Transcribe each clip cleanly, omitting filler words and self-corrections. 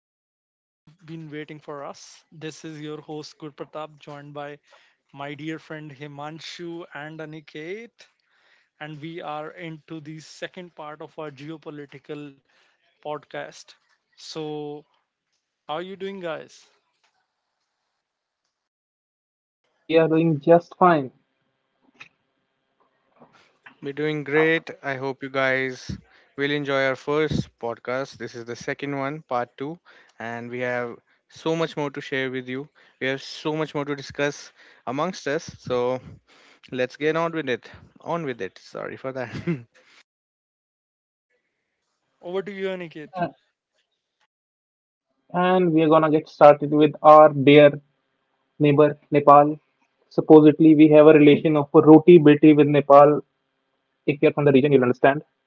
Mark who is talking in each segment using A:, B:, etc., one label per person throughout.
A: I hope you've been waiting for us. This is your host Gurpratap, joined by my dear friend Himanshu and Aniket, and we are into the second part of our geopolitical podcast. So, how are you doing, guys?
B: We are doing just fine.
C: We're doing great. I hope you guys will enjoy our first podcast. This is the second one, part two, and we have so much more to share with you. We have so much more to discuss amongst us. So let's get on with it. On with it. Sorry for that.
A: Over to you, Aniket.
B: Uh, And we are gonna get started with our dear neighbor Nepal. Supposedly, we have a relation of a roti beti with Nepal. If you're from the region, you'll understand.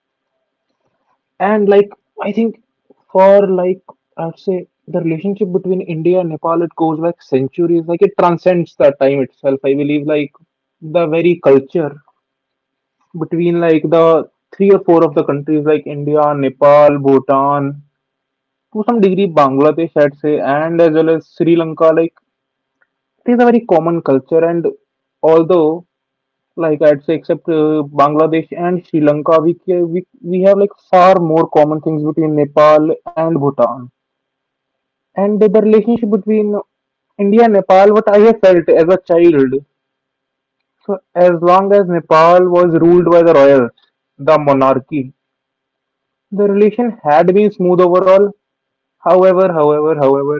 B: And like, I think for like, I'd say the relationship between India and Nepal, it goes back centuries. Like, it transcends the time itself. I believe like the very culture between like the three or four of the countries like India, Nepal, Bhutan, to some degree Bangladesh, I'd say, and as well as Sri Lanka. Like, it is a very common culture. And although, like, I'd say except Bangladesh and Sri Lanka, we, ca- we have like far more common things between Nepal and Bhutan. And the relationship between India and Nepal, what I have felt as a child, so as long as Nepal was ruled by the royals, the monarchy, the relation had been smooth overall. However,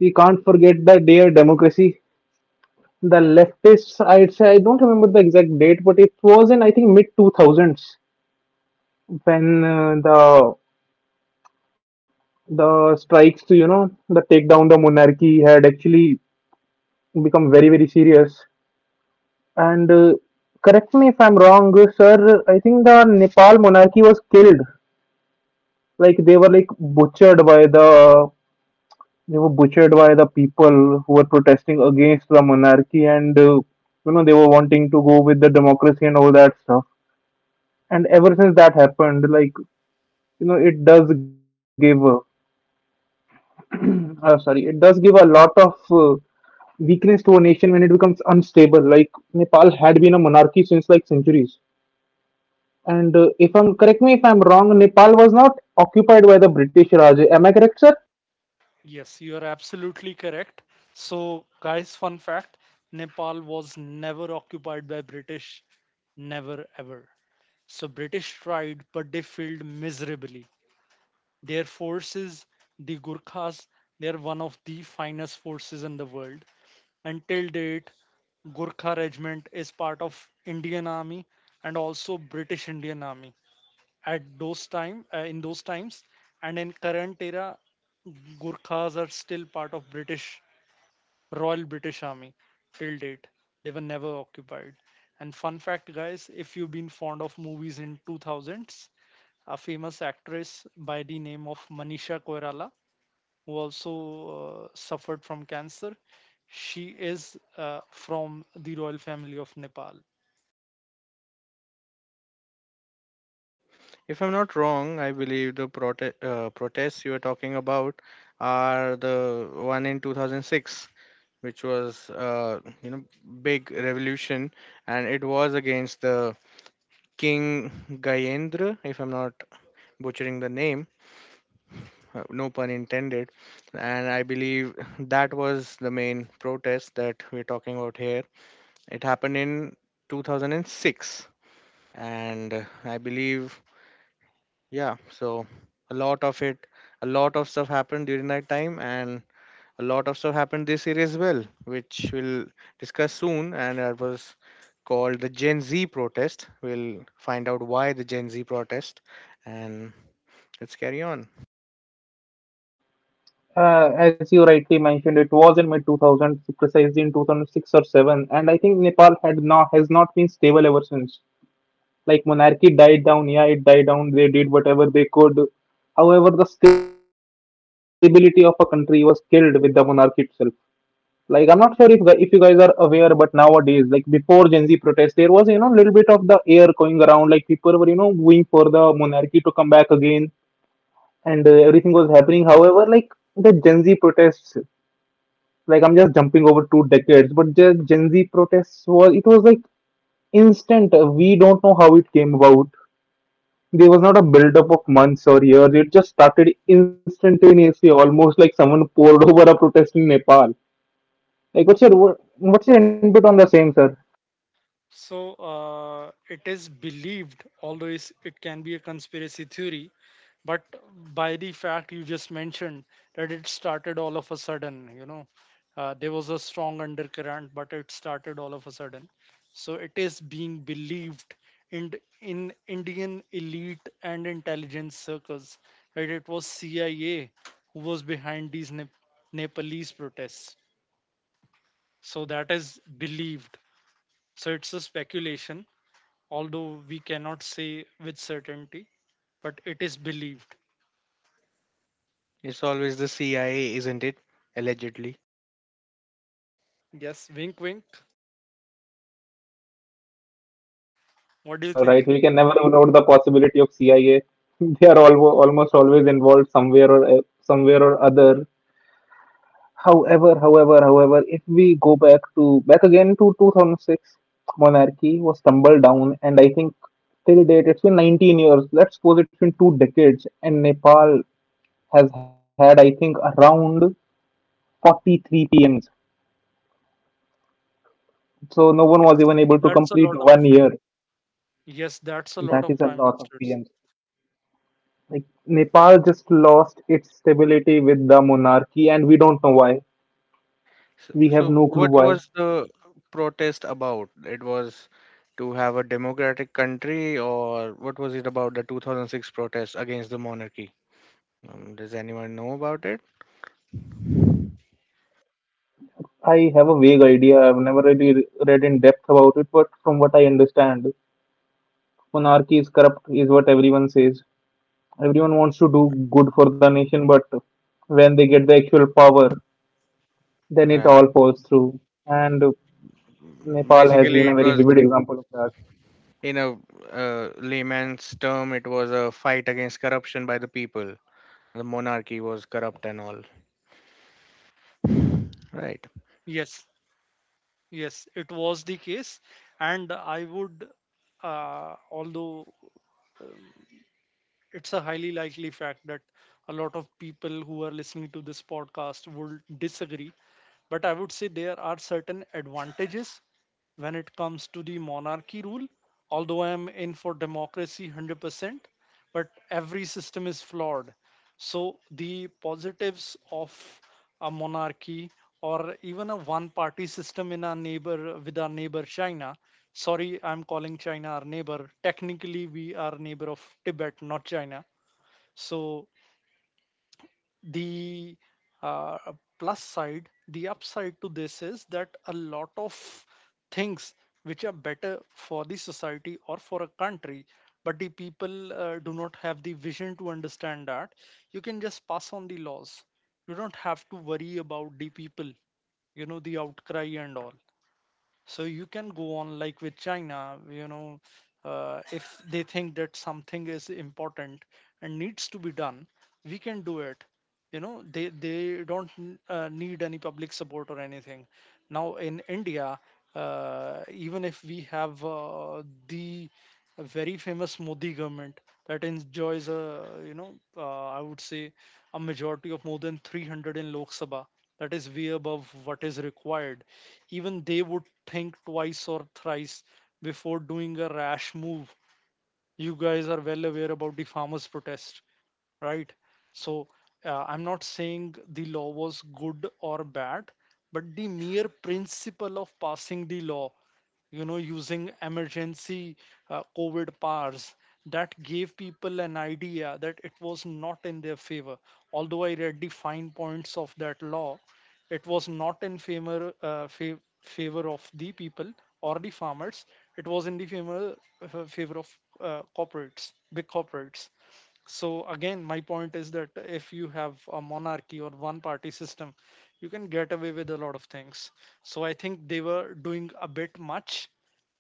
B: we can't forget the dear democracy. The leftists, I'd say, I don't remember the exact date, but it was in, I think, mid two thousands when the strikes to you know the take down the monarchy had actually become very very serious. And correct me if I'm wrong, sir. I think the Nepal monarchy was killed. Like, they were butchered by the people who were protesting against the monarchy. And you know they were wanting to go with the democracy and all that stuff. And ever since that happened, like, you know it does give a lot of weakness to a nation when it becomes unstable. Like, Nepal had been a monarchy since like centuries. And if I'm correct me if I'm wrong, Nepal was not occupied by the British Raj. Am I correct?
A: Yes, you are absolutely correct. So, guys, fun fact: Nepal was never occupied by British never ever so british tried but they failed miserably Their forces, the Gurkhas, they are one of the finest forces in the world. Until date, Gurkha regiment is part of Indian Army and also British Indian Army at those time in those times and in current era. Gurkhas are still part of British, Royal British Army till date. They were never occupied. And fun fact, guys, if you've been fond of movies in 2000s, a famous actress by the name of Manisha Koirala who also suffered from cancer. She is from the royal family of Nepal.
C: If I'm not wrong, I believe the protests you are talking about are the one in 2006, which was, you know, big revolution, and it was against the King Gayendra, if I'm not butchering the name, no pun intended. And I believe that was the main protest that we're talking about here. It happened in 2006. And I believe, yeah, so a lot of it, a lot of stuff happened during that time. And a lot of stuff happened this year as well, which we'll discuss soon. And that was called the Gen Z protest. We'll find out why the Gen Z protest. And let's carry on.
B: As you rightly mentioned, it was in mid 2000, precisely in 2006 or 7, and I think Nepal had not has not been stable ever since. Like, monarchy died down, yeah, it died down. They did whatever they could. However, the stability of a country was killed with the monarchy itself. Like, I'm not sure if you guys are aware, but nowadays, like before Gen Z protest, there was you know little bit of the air going around. Like, people were you know going for the monarchy to come back again, and everything was happening. However, like the Gen Z protests, like I'm just jumping over two decades, but the Gen Z protests was like instant. We don't know how it came about. There was not a build-up of months or years. It just started instantaneously, almost like someone poured over a protest in Nepal. Like, what's your input on the same, sir?
A: So it is believed, although it can be a conspiracy theory, but by the fact you just mentioned that it started all of a sudden, you know, there was a strong undercurrent, but it started all of a sudden. So it is being believed in Indian elite and intelligence circles that it was CIA who was behind these Nepalese protests. So that is believed. So it's a speculation, although we cannot say with certainty, but it is believed.
C: It's always the CIA, isn't it? Allegedly.
A: Yes, wink, wink. What do you
B: All right,
A: think?
B: we can never rule out the possibility of CIA. They are almost always involved somewhere or somewhere or other. However, if we go back to back again to 2006, monarchy was tumbled down, and I think till date it's been 19 years. Let's suppose it's been 2 decades, and Nepal has had, I think, around 43 PMs. So no one
A: Yes,
B: was even able to
A: that's a
B: complete
A: lot of.
B: one year.
A: Yes, that's a lot
B: That
A: of
B: is a
A: prime
B: lot of
A: ministers.
B: PMs. Like, Nepal just lost its stability with the monarchy, and we don't know why.
C: So,
B: We have
C: so
B: no clue
C: what
B: why.
C: was the protest about? It was to have a democratic country, or what was it about the 2006 protest against the monarchy? Does anyone know about it?
B: I have a vague idea. I've never really read in depth about it, but from what I understand, monarchy is corrupt, is what everyone says. Everyone wants to
C: Ri-
B: do good for the nation, but when they get the actual power, then it
C: Right.
B: all falls through. And Nepal has been
C: Basically,
B: a
C: it
B: very
C: was
B: vivid example of that.
C: in a layman's term, it was a fight against corruption by the people. The monarchy was corrupt and all. Right.
A: Yes, yes, it was the case, and I would, although it's a highly likely fact that a lot of people who are listening to this podcast would disagree. But I would say there are certain advantages when it comes to the monarchy rule. Although I am in for democracy 100%, but every system is flawed. So the positives of a monarchy or even a one-party system in our neighbor, with our neighbor China. Sorry, I'm calling China our neighbor. Technically, we are neighbor of Tibet, not China. So the uh, plus side, the upside to this is that a lot of things which are better for the society or for a country, but the people do not have the vision to understand that you can just pass on the laws, you don't have to worry about the people, you know, the outcry and all. So you can go on, like with China, you know, if they think that something is important and needs to be done, we can do it, you know, they don't need any public support or anything. Now in India, even if we have, the very famous Modi government that enjoys a, you know, I would say a majority of more than 300 in Lok Sabha, that is way above what is required, even they would think twice or thrice before doing a rash move. You guys are well aware about the farmers' protest, right? So I'm not saying the law was good or bad, but the mere principle of passing the law, you know, using emergency COVID powers that gave people an idea that it was not in their favor. Although I read the fine points of that law, it was not in favor, favor of the people or the farmers. It was in the favor, favor of corporates, big corporates. So again, my point is that if you have a monarchy or one party system, you can get away with a lot of things. So I think they were doing a bit much.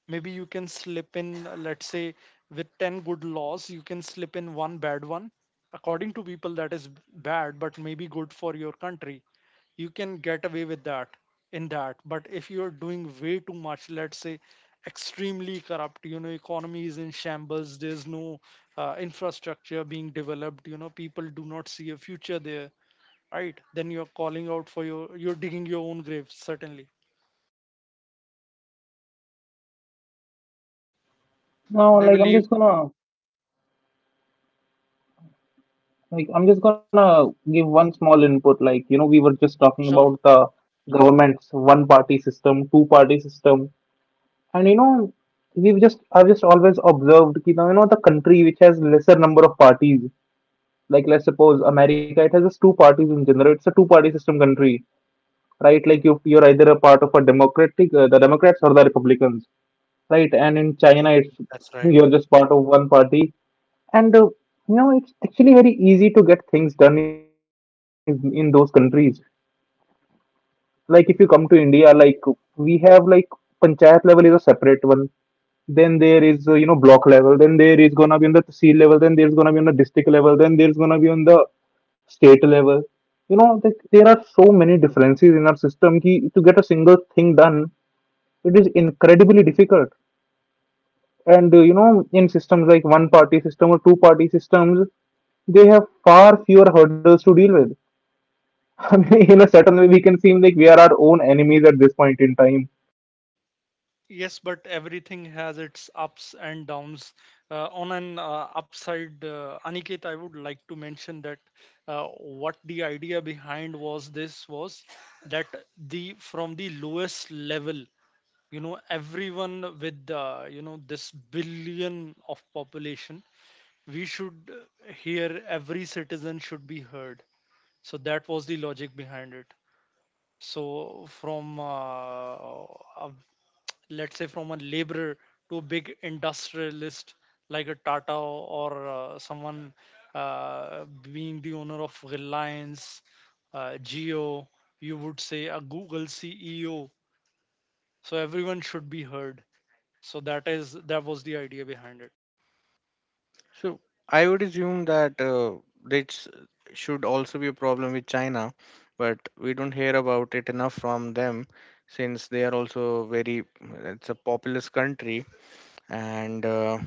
A: Maybe you can slip in, let's say, with 10 good laws, you can slip in one bad one. According to people, that is bad, but maybe good for your country, you can get away with that in that. But if you're doing way too much, let's say extremely corrupt, you know, economy is in shambles, there's no infrastructure being developed, you know, people do not see a future there, right? Then you're calling out for your, you're digging your own grave, certainly.
C: They
B: Now, like,
C: believe.
B: I'm just gonna give one small input. Like, you know, we were just talking
A: Sure.
B: about the government's one-party system, two-party system, and you know we've just I've just always observed that you know the country which has lesser number of parties, like let's suppose America, it has just 2 parties. In general, it's a two party system country, right? Like, you're either a part of a democratic, the Democrats, or the Republicans, right? And in China, it's
C: That's right.
B: you're just part of 1 party. And you know it's actually very easy to get things done in those countries. Like, if you come to India, like we have like panchayat level is a separate one, then there is you know block level, then there is gonna be on the tsil level, then there's gonna be on the district level, then there's gonna be on the state level. You know, like, there are so many differences in our system ki, to get a single thing done it is incredibly difficult. And you know in systems like one party system or two party systems, they have far fewer hurdles to deal with. I mean, in a certain way we can seem like we are our own enemies at this point in time.
A: Yes, but everything has its ups and downs. On an upside, Aniket, I would like to mention that what the idea behind was this was that the from the lowest level, you know, everyone with, you know, this billion of population, we should hear, every citizen should be heard. So that was the logic behind it. So from a, let's say from a laborer to a big industrialist like a Tata or someone uh, being the owner of Reliance, Geo, you would say a Google CEO. So everyone should be heard. So that is that was the idea behind it.
C: So I would assume that this should also be a problem with China, but we don't hear about it enough from them, since they are also very, it's a populous country. And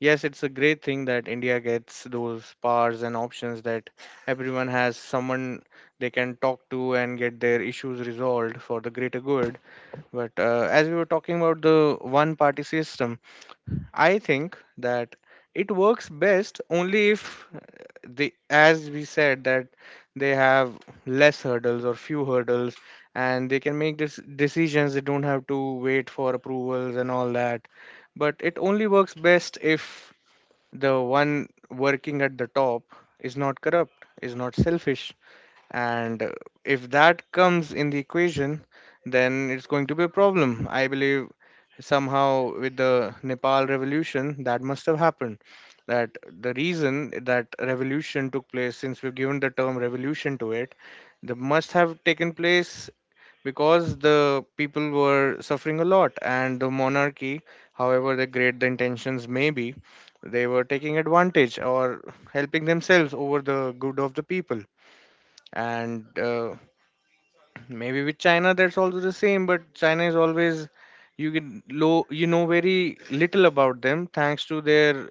C: yes, it's a great thing that India gets those powers and options, that everyone has someone they can talk to and get their issues resolved for the greater good. But as we were talking about the one party system, I think that it works best only if they, as we said, that they have less hurdles or few hurdles, and they can make this decisions. They don't have to wait for approvals and all that. But it only works best if the one working at the top is not corrupt, is not selfish, and if that comes in the equation, then it's going to be a problem. I believe somehow with the Nepal revolution that must have happened, that the reason that revolution took place, since we've given the term revolution to it, the must have taken place because the people were suffering a lot, and the monarchy, however the great the intentions may be, they were taking advantage, or helping themselves over the good of the people. And maybe with China that's also the same, but China is always, you get low, you know very little about them, thanks to their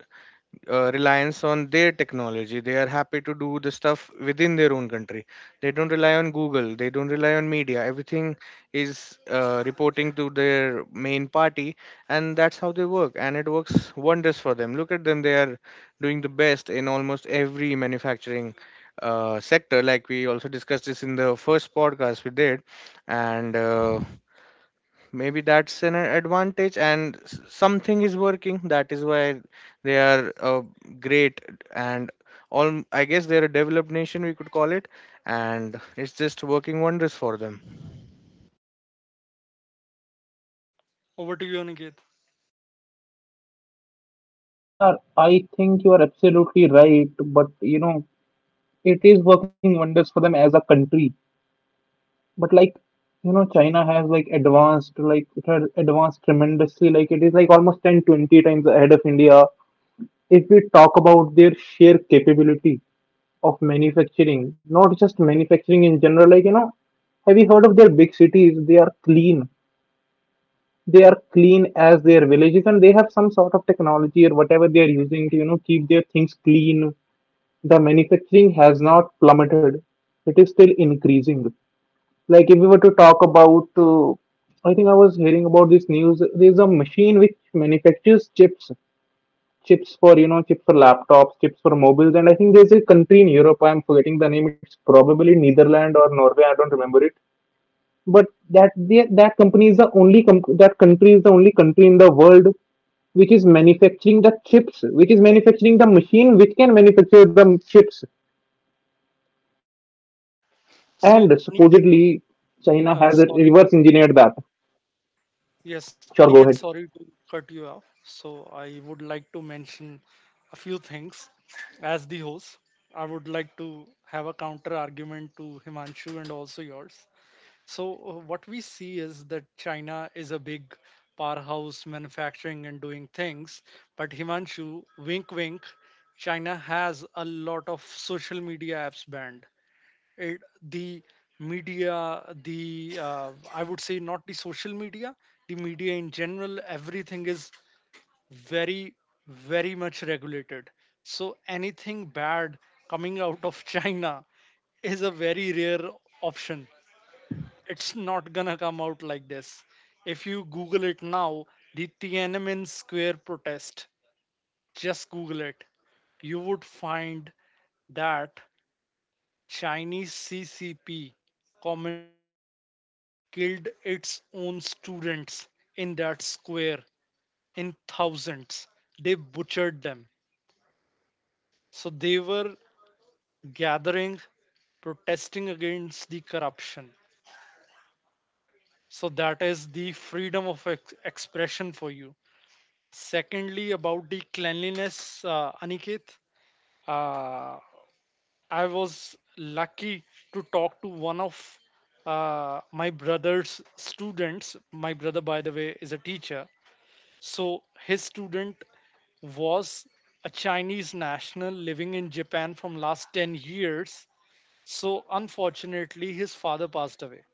C: reliance on their technology. They are happy to do the stuff within their own country. They don't rely on Google. They don't rely on media. Everything is reporting to their main party, and that's how they work. And it works wonders for them. Look at them. They are doing the best in almost every manufacturing sector. Like we also discussed this in the first podcast we did, and. Maybe that's an advantage, and something is working, that is why they are great, and all, I guess they're a developed nation, we could call it, and it's just working wonders for them.
A: Over to you, Aniket.
B: Yeah, I think you are absolutely right, but you know, it is working wonders for them as a country. But like, you know, China has advanced tremendously, like it is like almost 10, 20 times ahead of India, if we talk about their sheer capability of manufacturing, not just manufacturing in general. Like, you know, have you heard of their big cities? They are clean. They are clean as their villages, and they have some sort of technology or whatever they are using to you know keep their things clean. The manufacturing has not plummeted, it is still increasing. Like, if we were to talk about, I think I was hearing about this news. There's a machine which manufactures chips, chips for you know, chips for laptops, chips for mobiles, and I think there's a country in Europe. I'm forgetting the name. It's probably Netherlands or Norway. I don't remember it. But that they- that company is the only com- that country is the only country in the world which is manufacturing the chips, which is manufacturing the machine which can manufacture the chips. And
C: Uh,
B: supposedly,
A: So Aniket,
B: China has reverse
A: sorry
B: engineered that.
A: Yes,
B: Sure,
A: Aniket,
B: go ahead.
A: sorry to cut you off. So I would like to mention a few things. As the host, I would like to have a counter argument to Himanshu and also yours. So what we see is that China is a big powerhouse manufacturing and doing things, but Himanshu, wink wink, China has a lot of social media apps banned, it, the media, the, I would say not the social media, the media in general, everything is very, very much regulated. So anything bad coming out of China is a very rare option. It's not gonna come out like this. If you google it now, the Tiananmen Square protest, just google it, you would find that Chinese CCP, Communist Party, killed its own students in that square in thousands. They butchered them. So they were gathering, protesting against the corruption. So that is the freedom of expression for you. Secondly, about the cleanliness, Aniket, uh, I was lucky to talk to one of my brother's students. My brother, by the way, is a teacher. So his student was a Chinese national living in Japan from last 10 years. So unfortunately, his father passed away.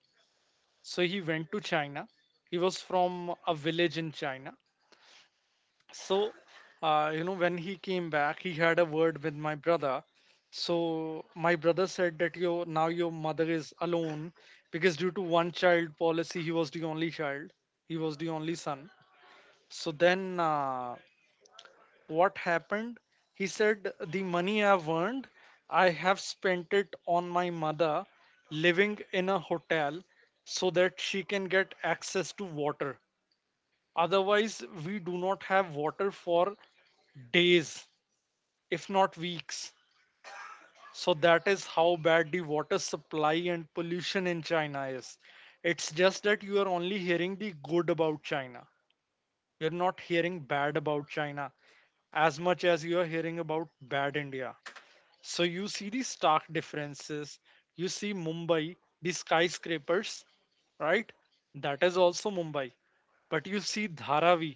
A: So he went to China. He was from a village in China. So you know, when he came back, he had a word with my brother. So my brother said that your, now your mother is alone, because due to one child policy, he was the only child, he was the only son. So then, what happened, he said the money I've earned, I have spent it on my mother living in a hotel, so that she can get access to water, otherwise we do not have water for days, if not weeks. So that is how bad the water supply and pollution in China is. It's just that you are only hearing the good about China. You're not hearing bad about China as much as you are hearing about bad India. So you see the stark differences. You see Mumbai, the skyscrapers, right? That is also Mumbai. But you see Dharavi,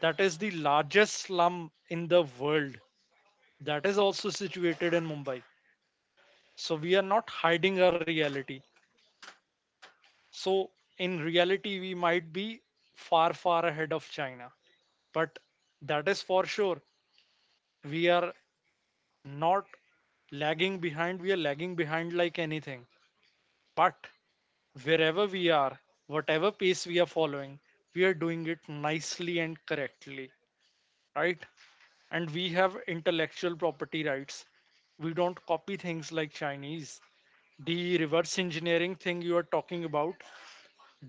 A: that is the largest slum in the world. That is also situated in Mumbai. So we are not hiding our reality. So in reality we might be far, far ahead of China, but that is for sure, we are not lagging behind, we are lagging behind like anything, but wherever we are, whatever pace we are following, we are doing it nicely and correctly, right? And we have intellectual property rights, we don't copy things like Chinese. The reverse engineering thing you are talking about,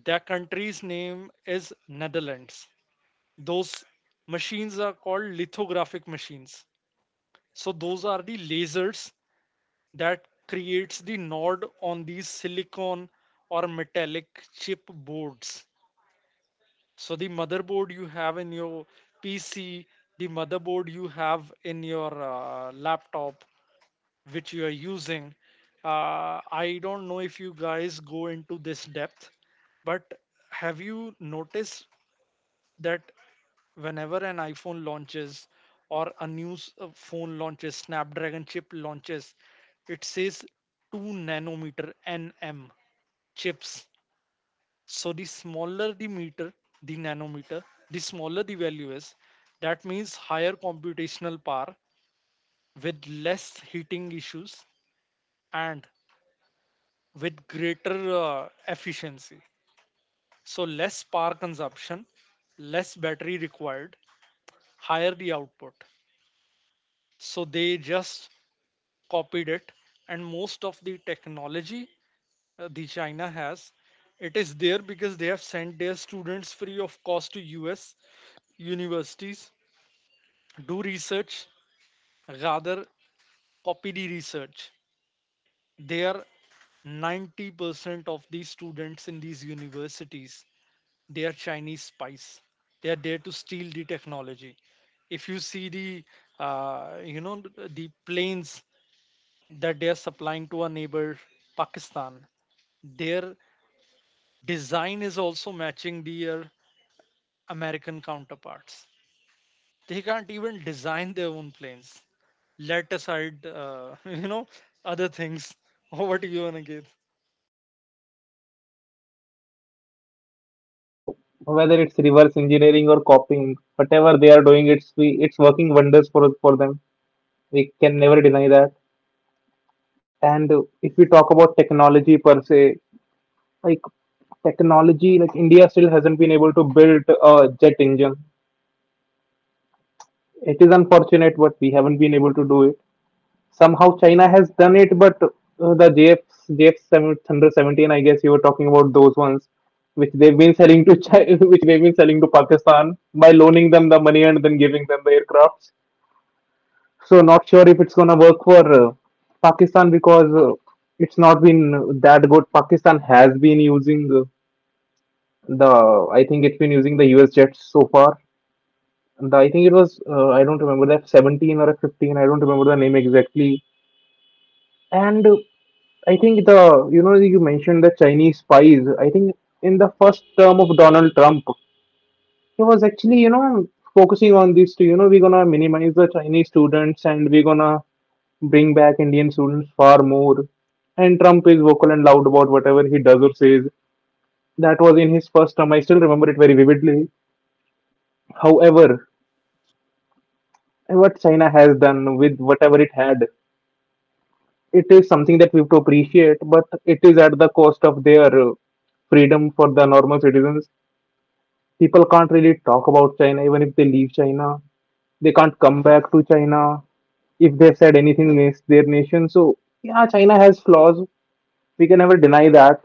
A: their country's name is Netherlands. Those machines are called lithographic machines. So those are the lasers that creates the node on these silicon or metallic chip boards. So the motherboard you have in your PC, the motherboard you have in your laptop, which you are using. I don't know if you guys go into this depth, but have you noticed that whenever an iPhone launches or a new phone launches, Snapdragon chip launches, it says 2 nanometer NM chips. So the smaller the meter, the nanometer, the smaller the value is. That means higher computational power with less heating issues and with greater efficiency. So less power consumption, less battery required, higher the output. So they just copied it, and most of the technology the China has, it is there because they have sent their students free of cost to US universities, do research, rather copy the research. They are 90% of these students in these universities, they are Chinese spies, they are there to steal the technology. If you see the, you know, the planes that they are supplying to our neighbor Pakistan. Their design is also matching their American counterparts. They can't even design their own planes. Let aside, you know, other things. What do you, want to give?
B: So whether it's reverse engineering or copying, whatever they are doing, it's working wonders for them. We can never deny that. And if we talk about technology per se, like technology, like India still hasn't been able to build a jet engine. It is unfortunate, but we haven't been able to do it. Somehow China has done it, but the JFs, JF 7, hundred 17, I guess you were talking about those ones, which they've been selling to China, which they've been selling to Pakistan by loaning them the money and then giving them the aircrafts. So not sure if it's gonna work for Pakistan, because it's not been that good. Pakistan has been using I think it's been using the US jets so far. The, I think it was I don't remember the F 17 or F 15. I don't remember the name exactly. And I think you mentioned the Chinese spies. I think in the first term of Donald Trump, he was actually, you know, focusing on this to, you know, we're gonna minimize the Chinese students and we're gonna bring back Indian students far more. And Trump is vocal and loud about whatever he does or says. That was in his first term. I still remember it very vividly. However, what China has done with whatever it had, it is something that we have to appreciate, but it is at the cost of their freedom for the normal citizens. People can't really talk about China, even if they leave China. They can't come back to China if they've said anything against their nation. So, yeah, China has flaws. We can never deny that.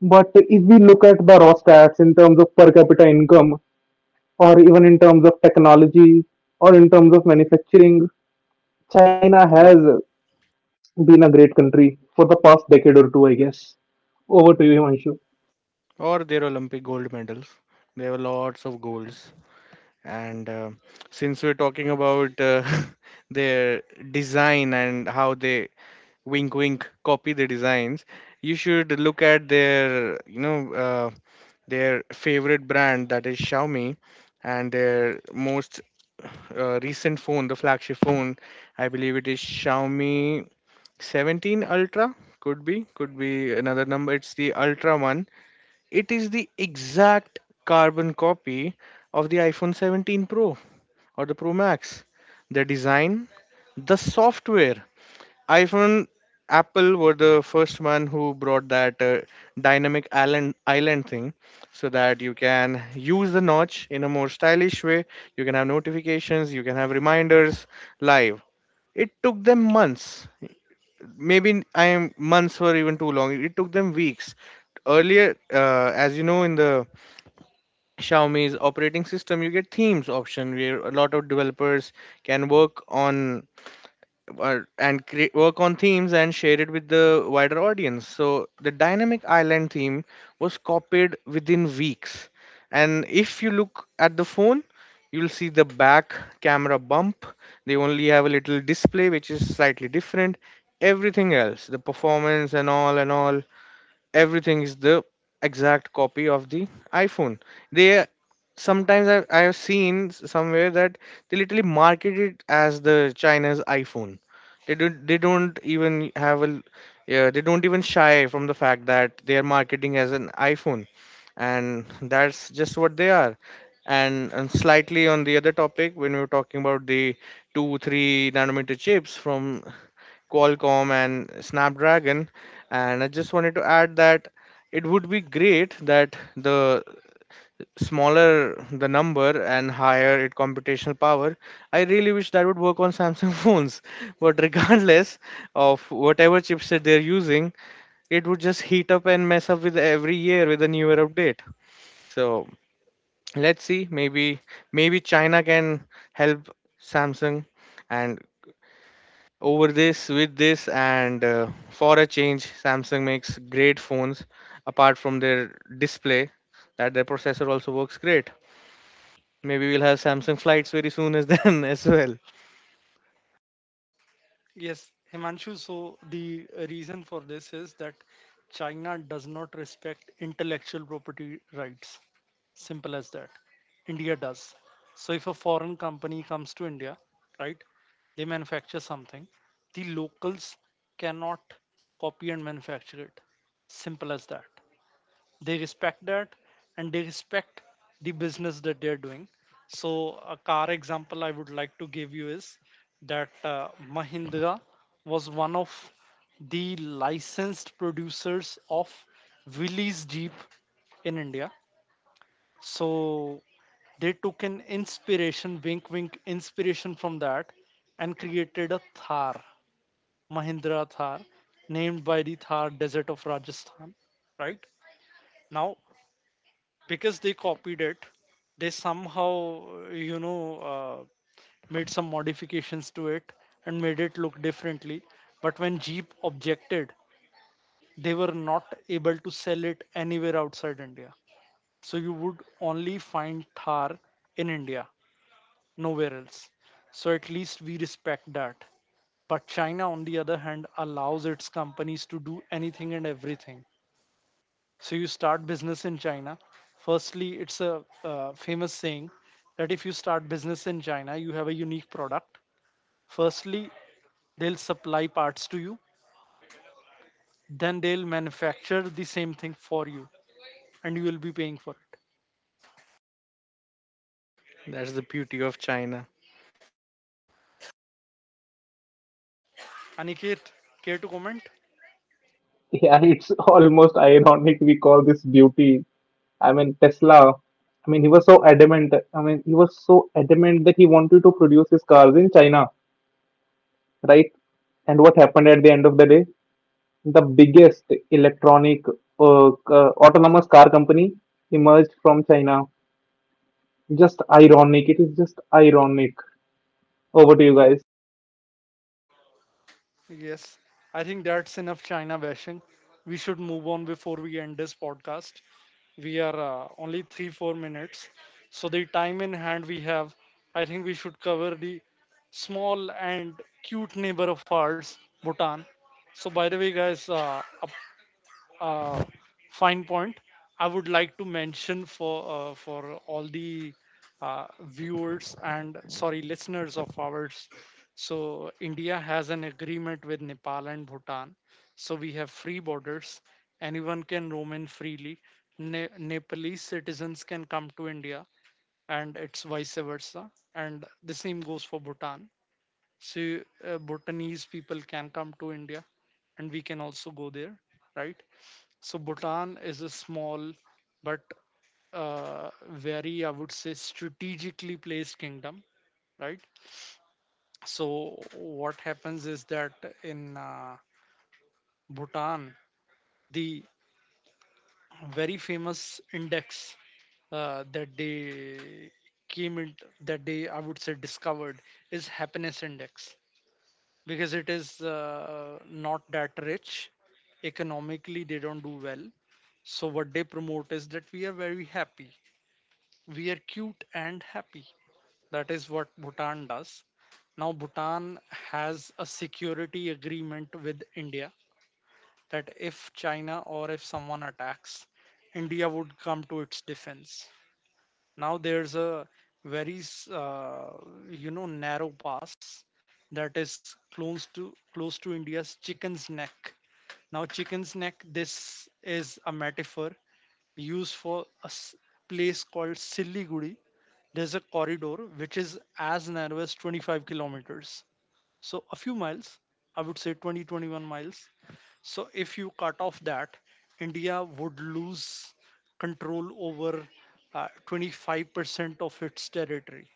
B: But if we look at the raw stats in terms of per capita income, or even in terms of technology, or in terms of manufacturing, China has
C: or,
B: been a great country for the past decade or two, I guess. Over to you, Himanshu.
C: or their Olympic gold medals, they have lots of golds. And since we're talking about their design and how they, wink wink, copy the designs, you should look at their, you know, their favorite brand, that is Xiaomi, and their most recent phone, the flagship phone. I believe it is Xiaomi 17 Ultra. Could be another number, it's the Ultra one. It is the exact carbon copy of the iPhone 17 Pro or the Pro Max. The design, the software, iPhone, Apple were the first one who brought that dynamic island thing, so that you can use the notch in a more stylish way. You can have notifications, you can have reminders live. It took them months. Maybe I am months were even too long. It took them weeks. Earlier, as you know, in the Xiaomi's operating system, you get themes option where a lot of developers can work on and create, work on themes and share it with the wider audience. So the dynamic island theme was copied within weeks. And if you look at the phone, you'll see the back camera bump. They only have a little display which is slightly different. Everything else, the performance and all, everything is the exact copy of the iPhone. They sometimes I have seen somewhere that they literally market it as the China's iPhone. They don't, they don't even have a, yeah, they don't even shy from the fact that they are marketing as an iPhone, and that's just what they are. And slightly on the other topic, when we were talking about the 2 3 nanometer chips from Qualcomm and Snapdragon. And I just wanted to add that it would be great that the smaller the number and higher it computational power. I really wish that would work on Samsung phones. But regardless of whatever chipset they're using, it would just heat up and mess up with every year with a newer update. So let's see. Maybe China can help Samsung and over this with this, and for a change, Samsung makes great phones. Apart from their display, that their processor also works great. Maybe we'll have Samsung flights very soon as then as well.
A: Yes, Himanshu. So the reason for this is that China does not respect intellectual property rights. Simple as that. India does. So if a foreign company comes to India, right, they manufacture something, the locals cannot copy and manufacture it. Simple as that, they respect that, and they respect the business that they're doing. So a car example I would like to give you is that Mahindra was one of the licensed producers of Willys Jeep in India. So they took an inspiration, wink wink, inspiration from that and created a Thar, Mahindra Thar, named by the Thar Desert of Rajasthan, right? Now, because they copied it, they somehow, you know uh, made some modifications to it and made it look differently, but when Jeep objected, they were not able to sell it anywhere outside India. So you would only find Thar in India, nowhere else. So at least we respect that, but China on the other hand allows its companies to do anything and everything. So you start business in China. Firstly, it's a famous saying that if you start business in China, you have a unique product. Firstly, they'll supply parts to you, then they'll manufacture the same thing for you, and you will be paying for it.
C: That's the beauty of China.
A: Aniket, care to comment?
B: Yeah, it's almost ironic we call this beauty. I mean, Tesla. I mean, he was so adamant. I mean, he was so adamant that he wanted to produce his cars in China, right? And what happened at the end of the day? The biggest electronic autonomous car company emerged from China. Just ironic. It is just ironic. Over to you guys.
A: Yes, I think that's enough China bashing. We should move on before we end this podcast. We are only three, four minutes. So, the time in hand we have, I think we should cover the small and cute neighbor of ours, Bhutan. So, by the way, guys, uh, fine point I would like to mention for all the uh, viewers, and sorry, listeners of ours. So India has an agreement with Nepal and Bhutan, so we have free borders. Anyone can roam in freely. Nepalese citizens can come to India, and it's vice versa. And the same goes for Bhutan. So Bhutanese people can come to India, and we can also go there, right? So Bhutan is a small but very, I would say, strategically placed kingdom, right? So what happens is that in Bhutan, the very famous index that they came in, that they, I would say, discovered is happiness index, because it is not that rich. Economically, they don't do well. So what they promote is that we are very happy. We are cute and happy. That is what Bhutan does. Now, Bhutan has a security agreement with India that if China or if someone attacks, India would come to its defense. Now, there's a very, uh, narrow pass that is close to India's Chicken's Neck. Now, Chicken's Neck, this is a metaphor used for a place called Siliguri. There's a corridor which is as narrow as 25 kilometers. So a few miles, I would say 20 21 miles. So if you cut off that, India would lose control over 25% of its territory.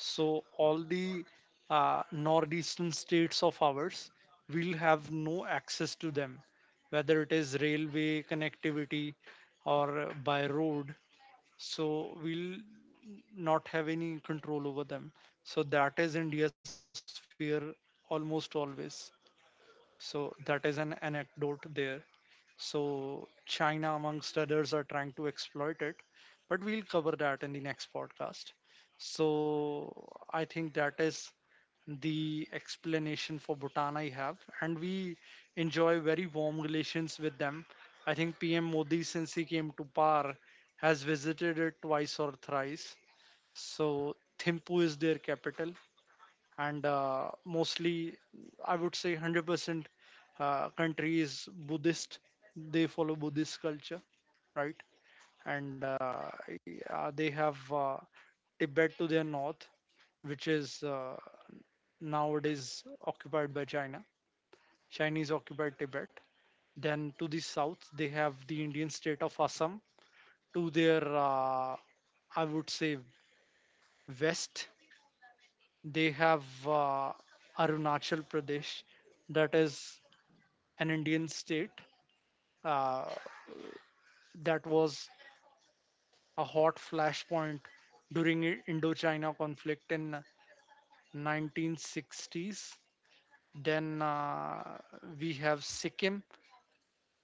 A: So all the northeastern states of ours will have no access to them, whether it is railway connectivity or by road. So we'll not have any control over them. So that is India's fear almost always. So that is an anecdote there. So China, amongst others, are trying to exploit it, but we'll cover that in the next podcast. So I think that is the explanation for Bhutan I have, and we enjoy very warm relations with them. I think PM Modi, since he came to power, has visited it twice or thrice. So Thimphu is their capital, and mostly, I would say, 100% country is Buddhist. They follow Buddhist culture, right? And yeah, they have Tibet to their north, which is nowadays occupied by China, Chinese occupied Tibet. Then to the south they have the Indian state of Assam. To their I would say west, they have Arunachal Pradesh, that is an Indian state uh, that was a hot flashpoint during Indochina conflict in 1960s. Then we have Sikkim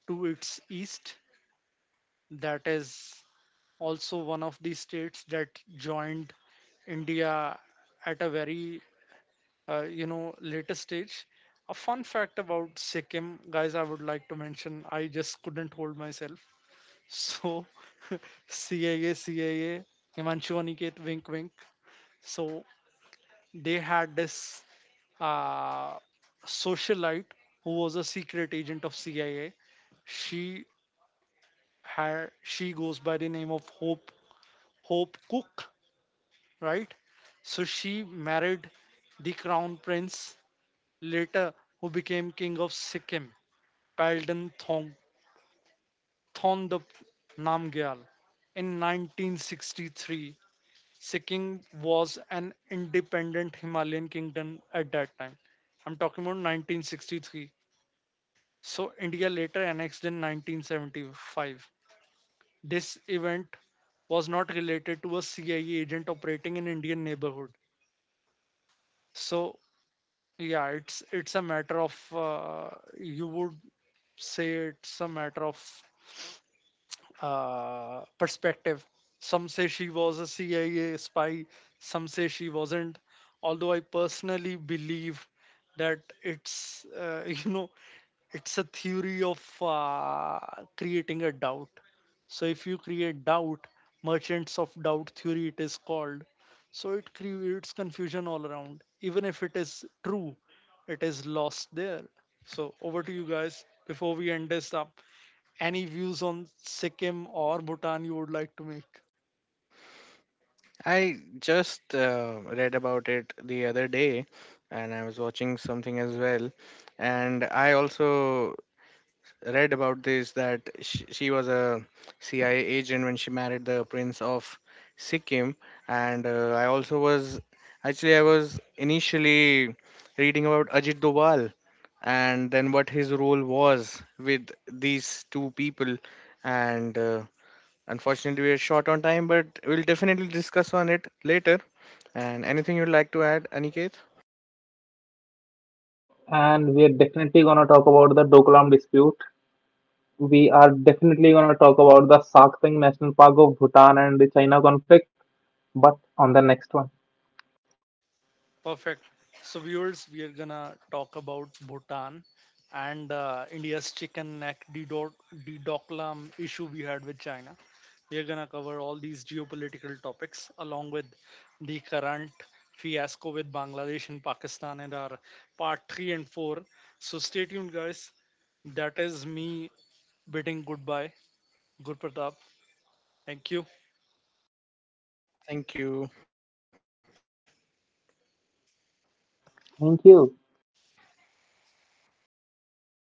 A: to its east, that is also one of the states that joined India at a very later stage. A fun fact about Sikkim, guys, I would like to mention. I just couldn't hold myself. So CIA, CIA, Himanshu, Aniket, wink, wink. So they had this uh, socialite who was a secret agent of CIA. She she goes by the name of Hope Cook, right? So she married the crown prince later, who became king of Sikkim, Palden Thong Thondop Namgyal, in 1963. Sikkim was an independent Himalayan kingdom at that time. I'm talking about 1963. So India later annexed in 1975. This event was not related to a CIA agent operating in Indian neighborhood. So yeah, it's a matter of you would say it's a matter of perspective. Some say she was a CIA spy, some say she wasn't. Although I personally believe that it's, you know, it's a theory of creating a doubt. So if you create doubt, merchants of doubt theory it is called. So it creates confusion all around. Even if it is true, it is lost there. So over to you guys before we end this up. Any views on Sikkim or Bhutan you would like to make?
C: I just read about it the other day, and I was watching something as well. And I also read about this that she was a CIA agent when she married the prince of Sikkim. And I also was, actually, I was initially reading about Ajit Doval, and then what his role was with these two people. And unfortunately we are short on time, but we'll definitely discuss on it later. And anything you'd like to add, Aniket?
B: And we are definitely gonna talk about the Doklam dispute, we are definitely going to talk about the Sakteng National Park of Bhutan and the China conflict, but on the next one.
A: Perfect. So, viewers, we are gonna talk about Bhutan and India's chicken neck dedoklam issue we had with China. We are gonna cover all these geopolitical topics along with the current fiasco with Bangladesh and Pakistan in our part three and four. So, stay tuned, guys. That is me bidding goodbye. Good. Thank you.
C: Thank you.
B: Thank you.